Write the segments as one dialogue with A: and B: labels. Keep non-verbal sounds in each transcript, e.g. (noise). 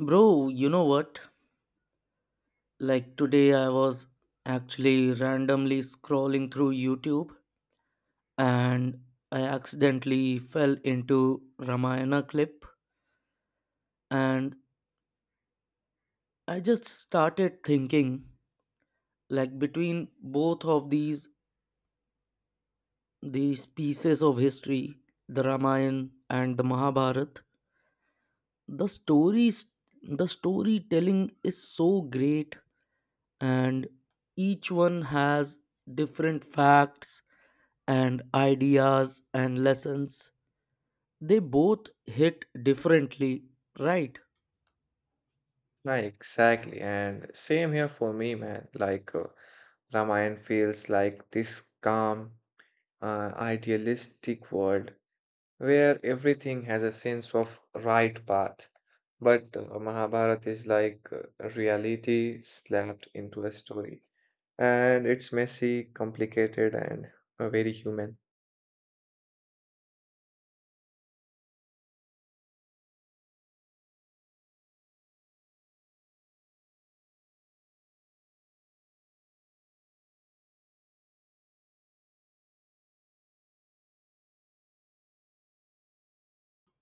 A: Bro, you know what? Like today, I was actually randomly scrolling through YouTube and I accidentally fell into Ramayana clip. And I just started thinking, like, between both of these pieces of history, the Ramayana and the Mahabharata, the stories the storytelling is so great and each one has different facts and ideas and lessons. They both hit differently, right?
B: Right, exactly. And same here for me, man. Ramayana feels like this calm, idealistic world where everything has a sense of right path. But Mahabharata is like reality slapped into a story. And it's messy, complicated, and very human.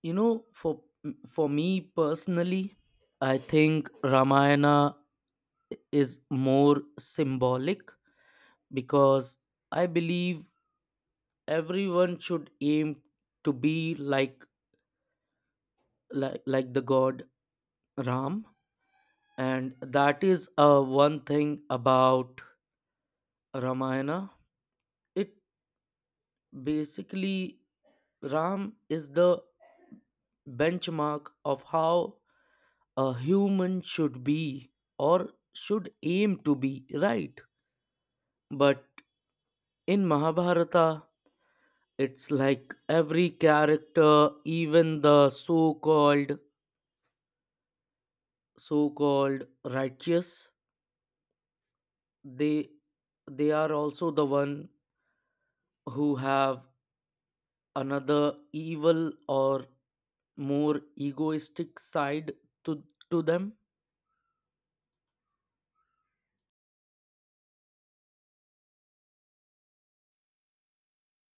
A: You know, for me personally, I think Ramayana is more symbolic because I believe everyone should aim to be like the god Ram. And that is one thing about Ramayana, it basically Ram is the benchmark of how a human should be or should aim to be, right? But in Mahabharata, it's like every character, even the so-called righteous, they they are also the one who have another evil or more egoistic side to, to them.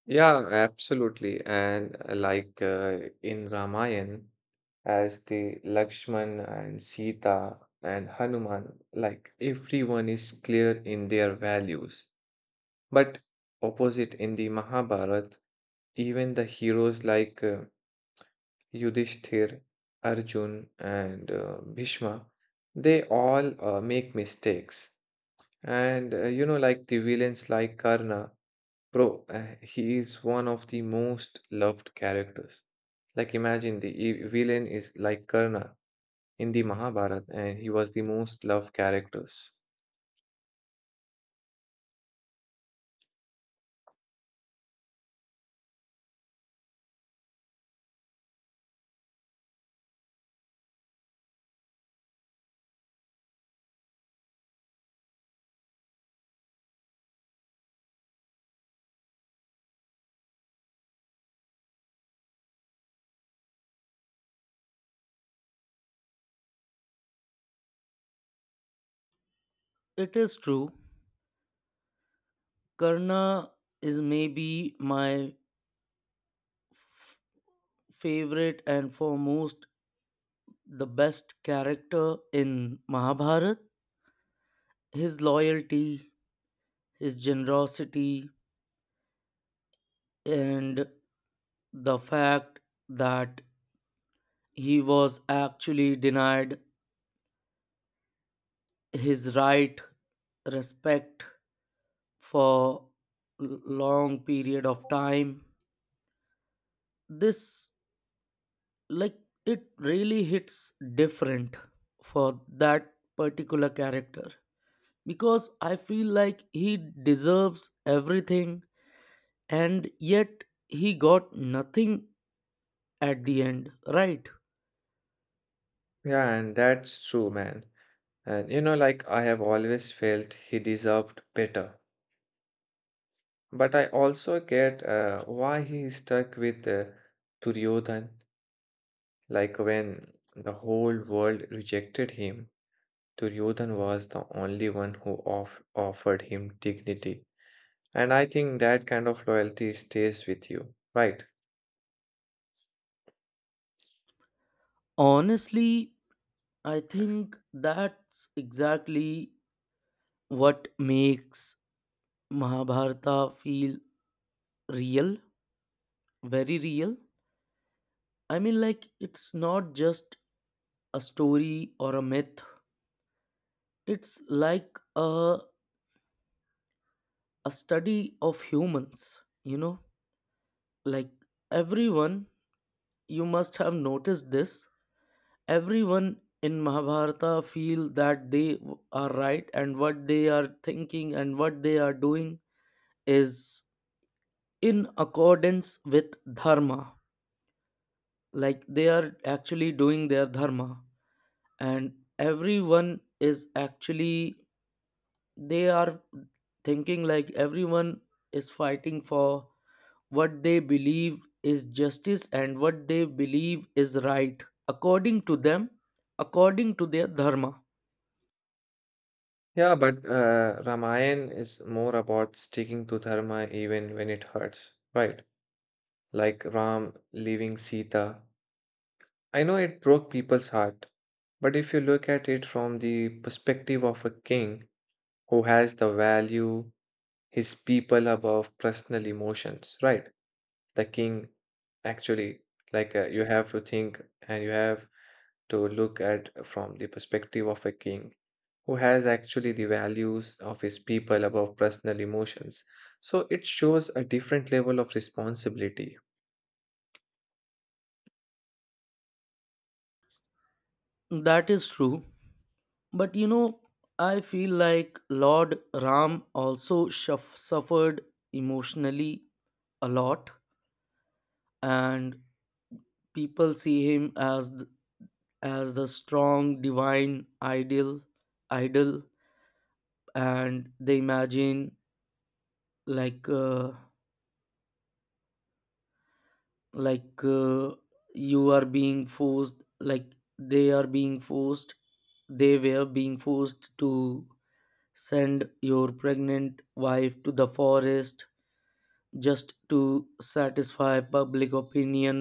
B: Yeah, absolutely. And in Ramayana, as the Lakshman and Sita and Hanuman, like everyone is clear in their values. But opposite in the Mahabharata, even the heroes like Yudhishthir, Arjun, and Bhishma, they all make mistakes. And you know, like the villains like Karna, bro, he is one of the most loved characters. Like, imagine the villain is like Karna in the Mahabharata, and he was the most loved characters.
A: It is true, Karna is maybe my favorite and foremost the best character in Mahabharata. His loyalty, his generosity, and the fact that he was actually denied his right respect for long period of time. This, like, it really hits different for that particular character because I feel like he deserves everything and yet he got nothing at the end, right?
B: Yeah, and that's true, man. And you know, like I have always felt he deserved better. But I also get why he stuck with Duryodhan. Like when the whole world rejected him, Duryodhan was the only one who offered him dignity. And I think that kind of loyalty stays with you, right?
A: Honestly, I think that's exactly what makes Mahabharata feel real, very real. I mean, like, it's not just a story or a myth, it's like a study of humans, you know. Like, everyone, you must have noticed this, everyone in Mahabharata feel that they are right, and what they are thinking and what they are doing is in accordance with dharma. Like, they are actually doing their dharma, and everyone is actually, they are thinking like everyone is fighting for what they believe is justice and what they believe is right, according to them, according to their dharma.
B: Yeah, but Ramayana is more about sticking to dharma even when it hurts, right? Like Ram leaving Sita. I know it broke people's heart, but if you look at it from the perspective of a king who has the value his people above personal emotions, right? The king actually, you have to think and you have to look at from the perspective of a king who has actually the values of his people above personal emotions. So it shows a different level of responsibility.
A: That is true, but you know, I feel like Lord Ram also suffered emotionally a lot. And people see him as as the strong divine ideal idol, and they imagine like uh, like uh, you are being forced, like they are being forced, they were being forced to send your pregnant wife to the forest just to satisfy public opinion.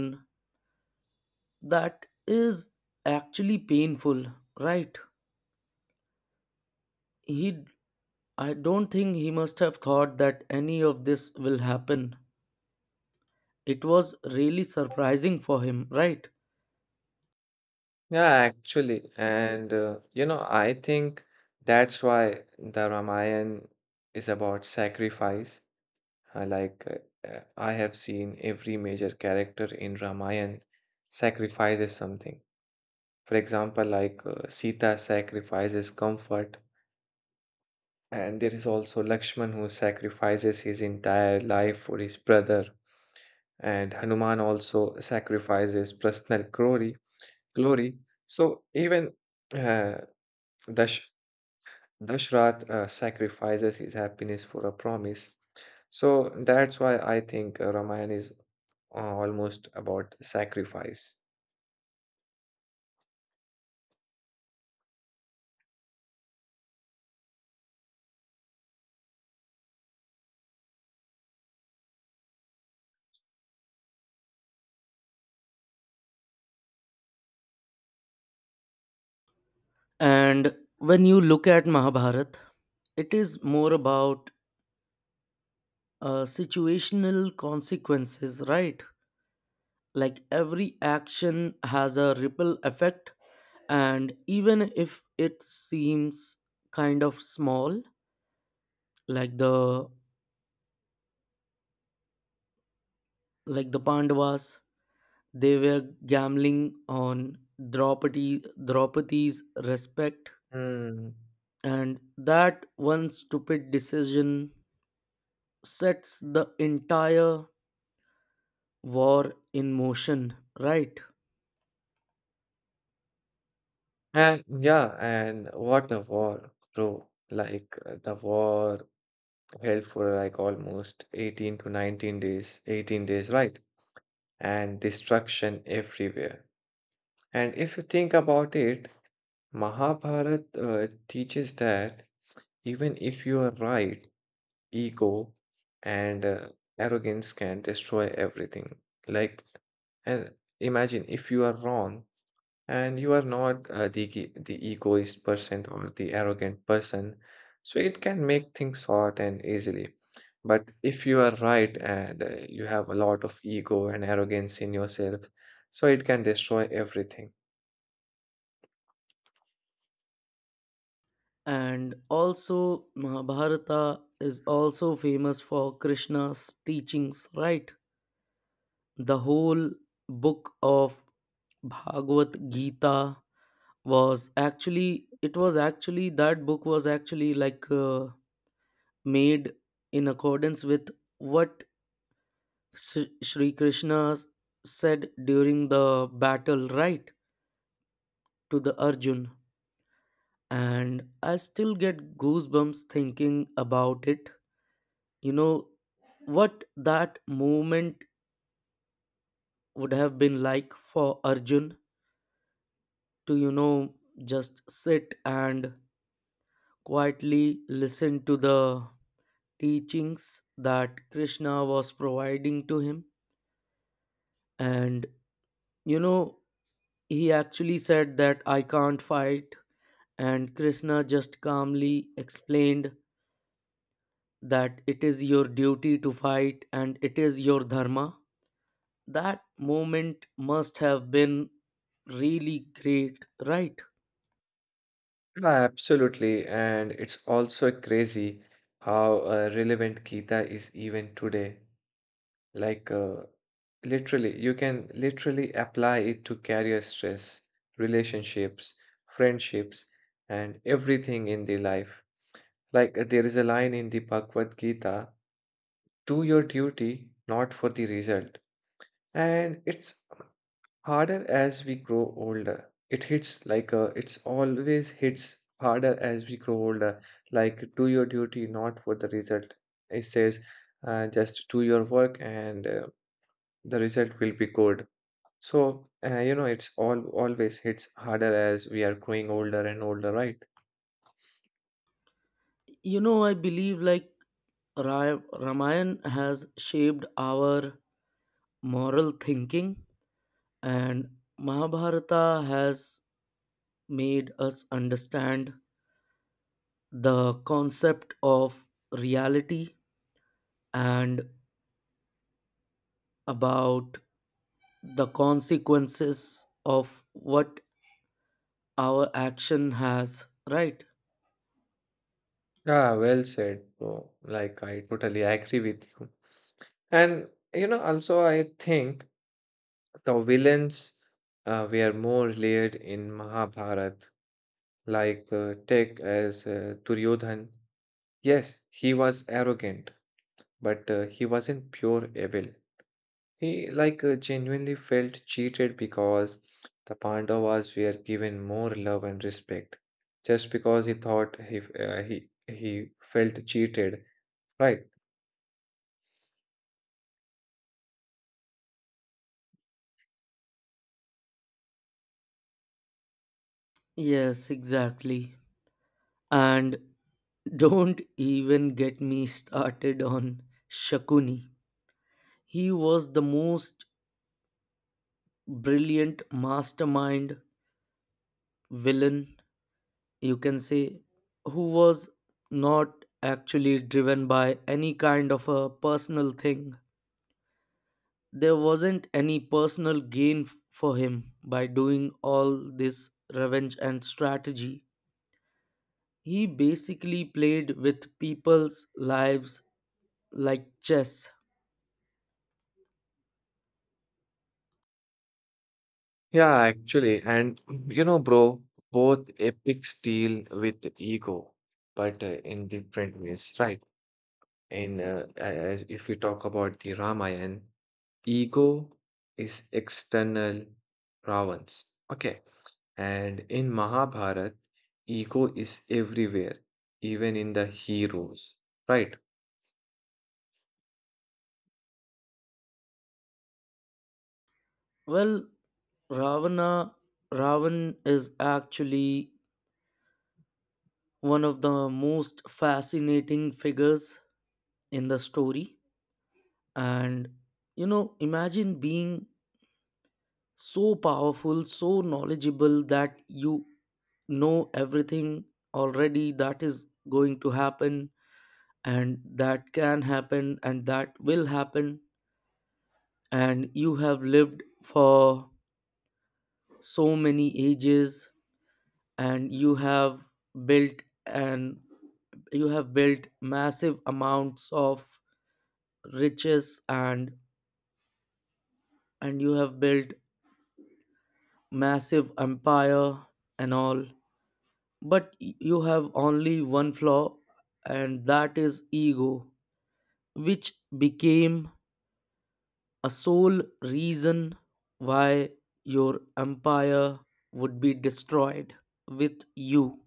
A: That is actually painful, right? he I don't think he must have thought that any of this will happen. It was really surprising for him, right?
B: Yeah, actually. And, you know, I think that's why the Ramayana is about sacrifice. I have seen every major character in Ramayana sacrifices something. For example, Sita sacrifices comfort, and there is also Lakshman who sacrifices his entire life for his brother, and Hanuman also sacrifices personal glory. So even uh, Dash Dashrath sacrifices his happiness for a promise. So that's why I think Ramayana is almost about sacrifice.
A: And when you look at Mahabharata, it is more about situational consequences, right? Like every action has a ripple effect, and even if it seems kind of small, like the like the Pandavas, they were gambling on Draupadi's respect,
B: Hmm.
A: and that one stupid decision sets the entire war in motion, right?
B: And yeah, and what a war, bro. The war held for like almost 18 to 19 days, 18 days, right? And destruction everywhere. And if you think about it, Mahabharata teaches that even if you are right, ego and arrogance can destroy everything. Like, and imagine if you are wrong, and you are not the egoist person or the arrogant person, so it can make things short and easily. But if you are right and you have a lot of ego and arrogance in yourself, so it can destroy everything.
A: And also Mahabharata is also famous for Krishna's teachings, right? The whole book of Bhagavad Gita was actually, it was actually that book was actually like made in accordance with what Sri Krishna said during the battle, right, to the Arjun. And I still get goosebumps thinking about it. You know what that moment would have been like for Arjun, to, you know, just sit and quietly listen to the teachings that Krishna was providing to him. And, you know, he actually said that I can't fight, and Krishna just calmly explained that it is your duty to fight and it is your dharma. That moment must have been really great, right?
B: Yeah, absolutely, and it's also crazy how relevant gita is even today. Like, uh, literally, you can literally apply it to career stress, relationships, friendships, and everything in the life. There is a line in the Bhagavad Gita, do your duty, not for the result. And it's harder as we grow older. It hits like it's always hits harder as we grow older. Like, do your duty, not for the result. It says, just do your work and the result will be good. So, you know, it's all always hits harder as we are growing older and older, right?
A: You know, I believe like Ramayana has shaped our moral thinking, and Mahabharata has made us understand the concept of reality and about the consequences of what our action has, right?
B: Yeah, well said, bro. Like, I totally agree with you. And, you know, also, I think the villains were more layered in Mahabharat, like take as Duryodhan. Yes, he was arrogant, but he wasn't pure evil. He genuinely felt cheated because the Pandavas were given more love and respect just because he thought he felt cheated, right?
A: Yes, exactly. And don't even get me started on Shakuni. He was the most brilliant mastermind villain, you can say, who was not actually driven by any kind of a personal thing. There wasn't any personal gain for him by doing all this revenge and strategy. He basically played with people's lives like chess.
B: Yeah, actually, and you know, bro, both epics deal with ego, but in different ways, right? In as if we talk about the Ramayana, ego is external, Ravans, okay. And in Mahabharat, ego is everywhere, even in the heroes. Right?
A: Well, Ravana Ravan is actually one of the most fascinating figures in the story. And you know, imagine being so powerful, so knowledgeable, that you know everything already that is going to happen, and that can happen, and that will happen. And you have lived for so many ages, and built and you have built massive amounts of riches, and you have built massive empire and all. But you have only one flaw, and that is ego, which became a sole reason why your empire would be destroyed with you.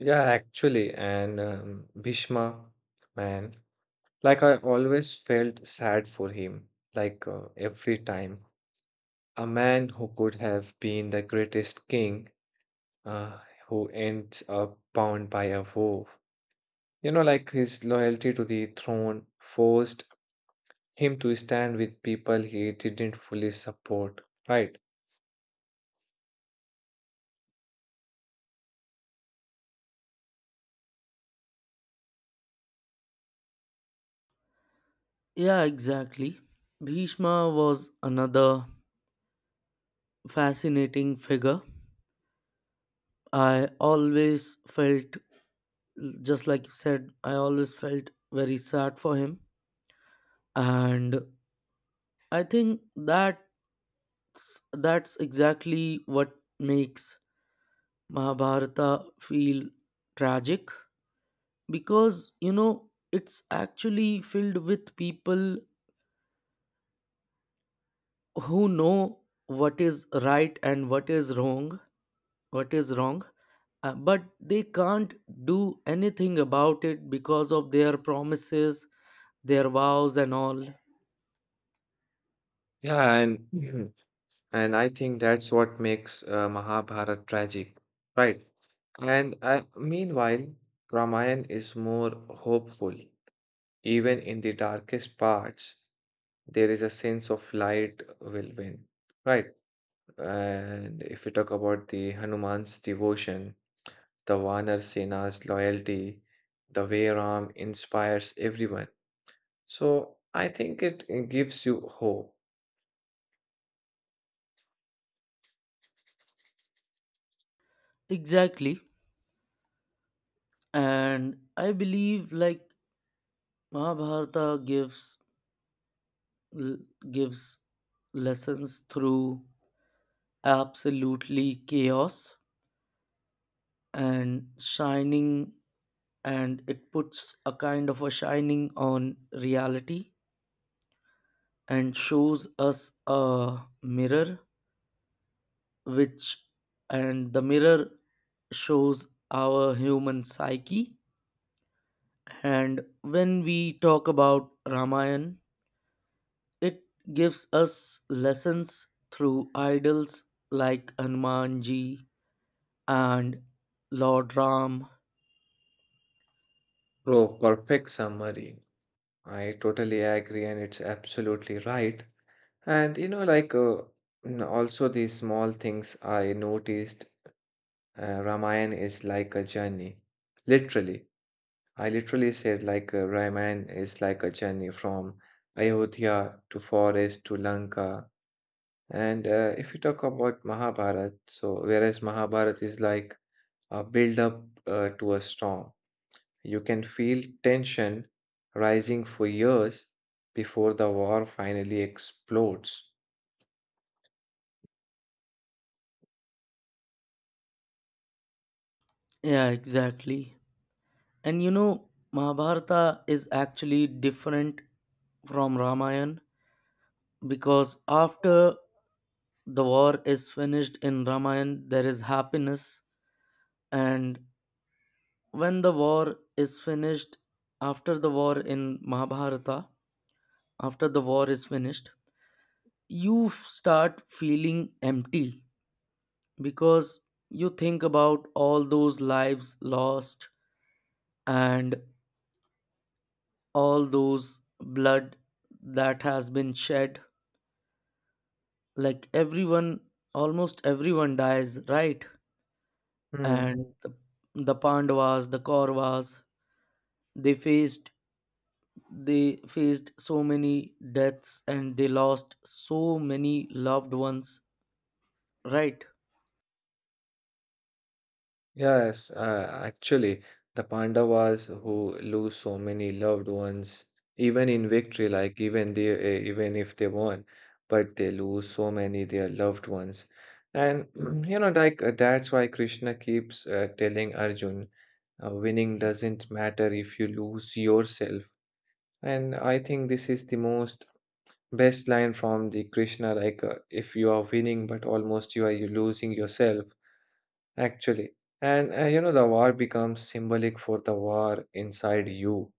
B: Yeah, actually. And Bhishma, man, like I always felt sad for him, every time. A man who could have been the greatest king, uh, who ends up bound by a wolf. You know, like his loyalty to the throne forced him to stand with people he didn't fully support. Right?
A: Yeah, exactly. Bhishma was another fascinating figure. I always felt, just like you said, I always felt very sad for him. And I think that's exactly what makes Mahabharata feel tragic because, you know, it's actually filled with people who know what is right and what is wrong. But they can't do anything about it because of their promises, their vows and all.
B: Yeah, and (clears throat) and I think that's what makes Mahabharata tragic, right? And meanwhile, Ramayana is more hopeful. Even in the darkest parts, there is a sense of light will win, right? And if we talk about the Hanuman's devotion, the Vanar Sena's loyalty, the way Ram inspires everyone. So I think it gives you hope.
A: Exactly. And I believe like Mahabharata gives l- gives lessons through absolutely chaos and shining. And it puts a kind of a shining on reality and shows us a mirror, which, and the mirror shows our human psyche. And when we talk about Ramayan, it gives us lessons through idols like Hanumanji and Lord Ram.
B: Bro, perfect summary. I totally agree, and it's absolutely right. And you know, also these small things I noticed, Ramayana is like a journey. Literally, I literally said Ramayana is like a journey from Ayodhya to forest to Lanka. And if you talk about Mahabharata, so whereas Mahabharata is like a build up to a storm. You can feel tension rising for years before the war finally explodes.
A: Yeah, exactly. And you know, Mahabharata is actually different from Ramayan because after the war is finished in Ramayan, there is happiness. And when the war is finished after the war in mahabharata after the war is finished, you start feeling empty because you think about all those lives lost and all those blood that has been shed. Like everyone, almost everyone dies, right? And
B: Hmm.
A: the Pandavas, the Kauravas, they faced they faced so many deaths and they lost so many loved ones, right?
B: Yes, actually, the Pandavas who lose so many loved ones, even in victory, like even if they won, but they lose so many their loved ones, and (clears throat) you know, that's why Krishna keeps telling Arjun, winning doesn't matter if you lose yourself, and I think this is the most best line from the Krishna, if you are winning but almost you are you losing yourself, actually. And you know, the war becomes symbolic for the war inside you.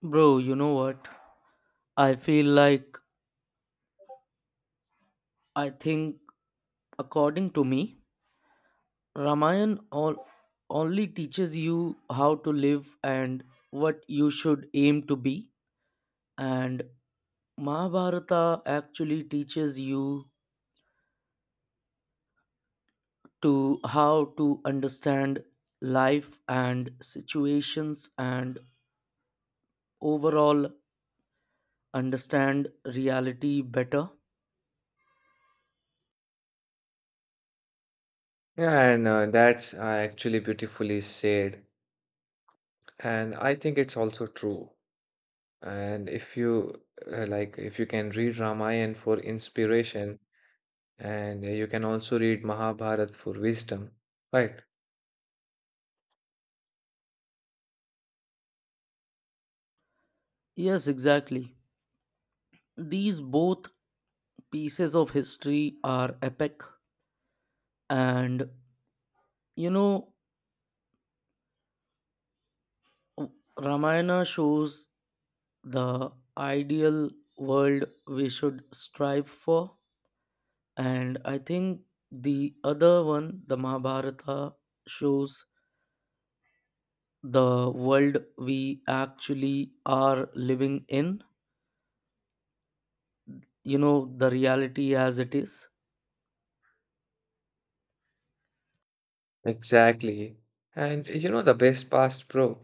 A: Bro, you know what? I feel like I think according to me, Ramayan all only teaches you how to live and what you should aim to be, and Mahabharata actually teaches you to how to understand life and situations and overall understand reality better.
B: Yeah, and that's actually beautifully said. And I think it's also true. And if you if you can read Ramayana for inspiration, and you can also read Mahabharata for wisdom, right?
A: Yes, exactly. These both pieces of history are epic, and you know, Ramayana shows the ideal world we should strive for, and I think the other one, the Mahabharata, shows the world we actually are living in, you know, the reality as it is.
B: Exactly. And you know the best past bro.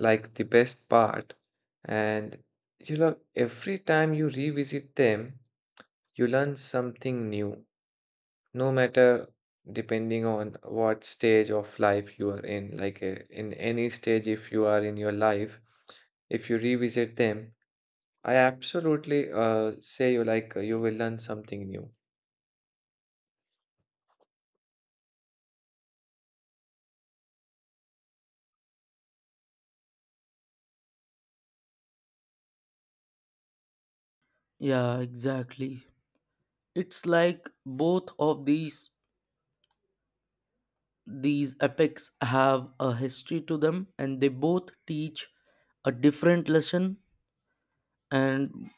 B: Like the best part. And you know, every time you revisit them, you learn something new, no matter depending on what stage of life you are in. In any stage, if you are in your life, if you revisit them, I absolutely say you you will learn something new.
A: Yeah, exactly. It's like both of these epics have a history to them, and they both teach a different lesson. And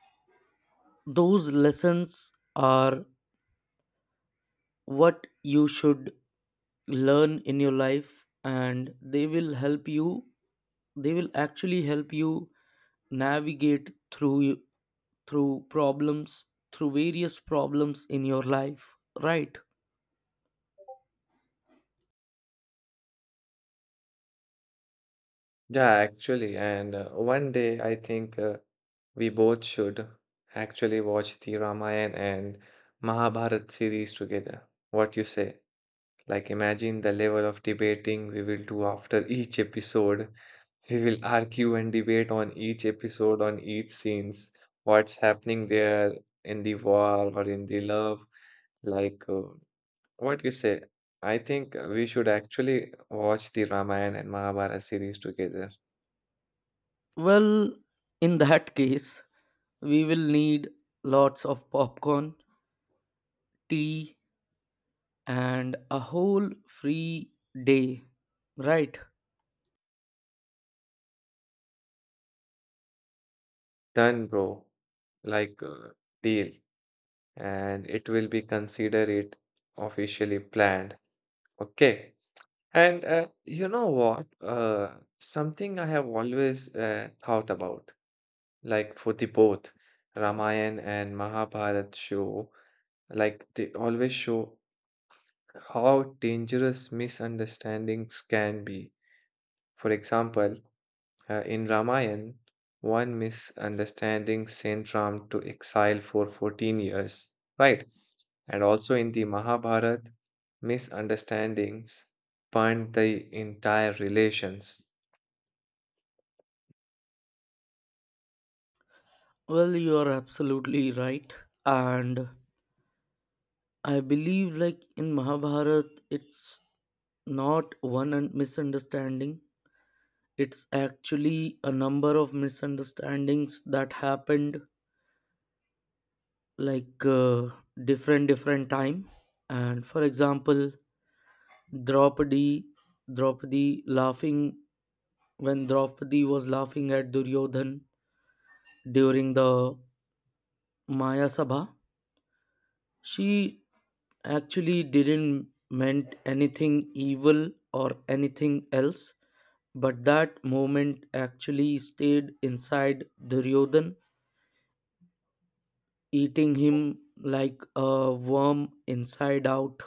A: those lessons are what you should learn in your life, and they will actually help you navigate through problems through various problems in your life, right?
B: Yeah, actually, and one day I think we both should actually watch the Ramayana and Mahabharata series together. What you say? Like, imagine the level of debating we will do after each episode. We will argue and debate on each episode, on each scenes, what's happening there in the war or in the love. Like, uh, what you say? I think we should actually watch the Ramayana and Mahabharata series together.
A: Well, in that (laughs) case we will need lots of popcorn, tea, and a whole free day. Right.
B: Done, bro. Like, uh, deal. And it will be consider it officially planned. Okay. And you know what? Something I have always thought about, like for the both Ramayana and Mahabharat show, like they always show how dangerous misunderstandings can be. For example, in Ramayana, one misunderstanding sent Ram to exile for 14 years, right? And also in the Mahabharata, misunderstandings burned the entire relations.
A: Well, you are absolutely right. And I believe, like in Mahabharat, it's not one misunderstanding, it's actually a number of misunderstandings that happened like different different time. And for example, Draupadi, Draupadi laughing when Draupadi was laughing at Duryodhan during the Maya Sabha, she actually didn't meant anything evil or anything else, but that moment actually stayed inside Duryodhan, eating him like a worm inside out.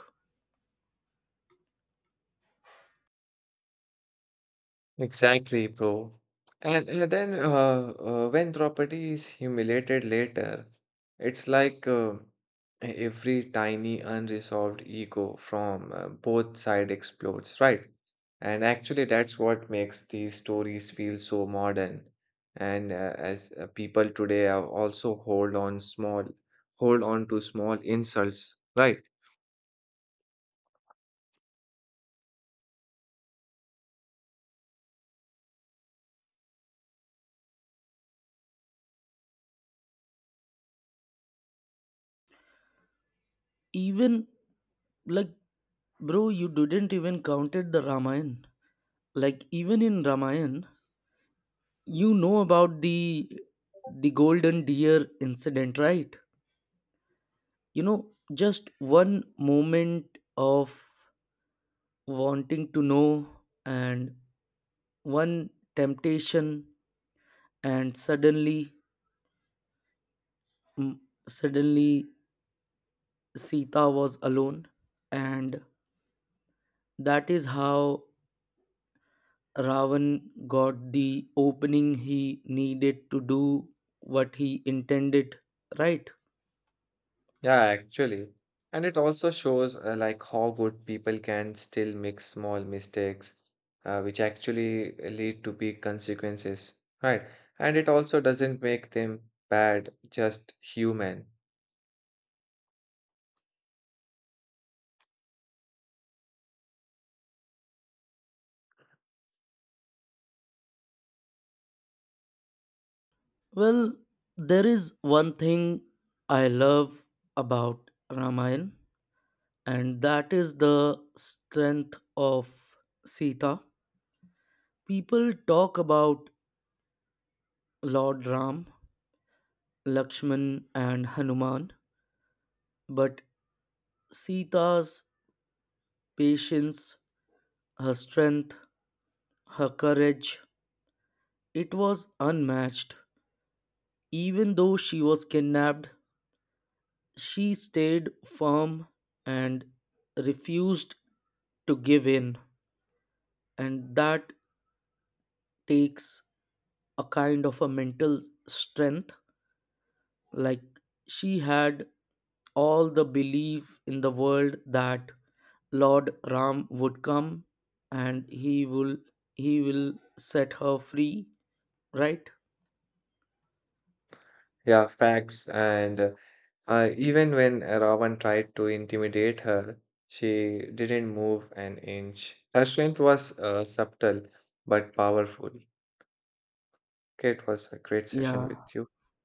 B: Exactly, bro. And then when property is humiliated later, it's like every tiny unresolved ego from both side explodes, right? And actually, that's what makes these stories feel so modern. And as people today are also hold on to small insults, right?
A: Even, like, bro, you didn't even counted the Ramayana. Like, even in Ramayana, you know about the golden deer incident, right? You know, just one moment of wanting to know and one temptation, and mm, suddenly Sita was alone, and that is how Ravan got the opening he needed to do what he intended, right?
B: Yeah, actually. And it also shows like how good people can still make small mistakes, which actually lead to big consequences, right? And it also doesn't make them bad, just human.
A: Well, there is one thing I love about Ramayana, and that is the strength of Sita. People talk about Lord Ram, Lakshman, and Hanuman, but Sita's patience, her strength, her courage, it was unmatched. Even though she was kidnapped, she stayed firm and refused to give in. And that takes a kind of a mental strength. Like she had all the belief in the world that Lord Ram would come and he will set her free, right?
B: Yeah, facts. And even when Ravan tried to intimidate her, she didn't move an inch. Her strength was subtle but powerful. Okay, it was a great session
A: Yeah.
B: with you.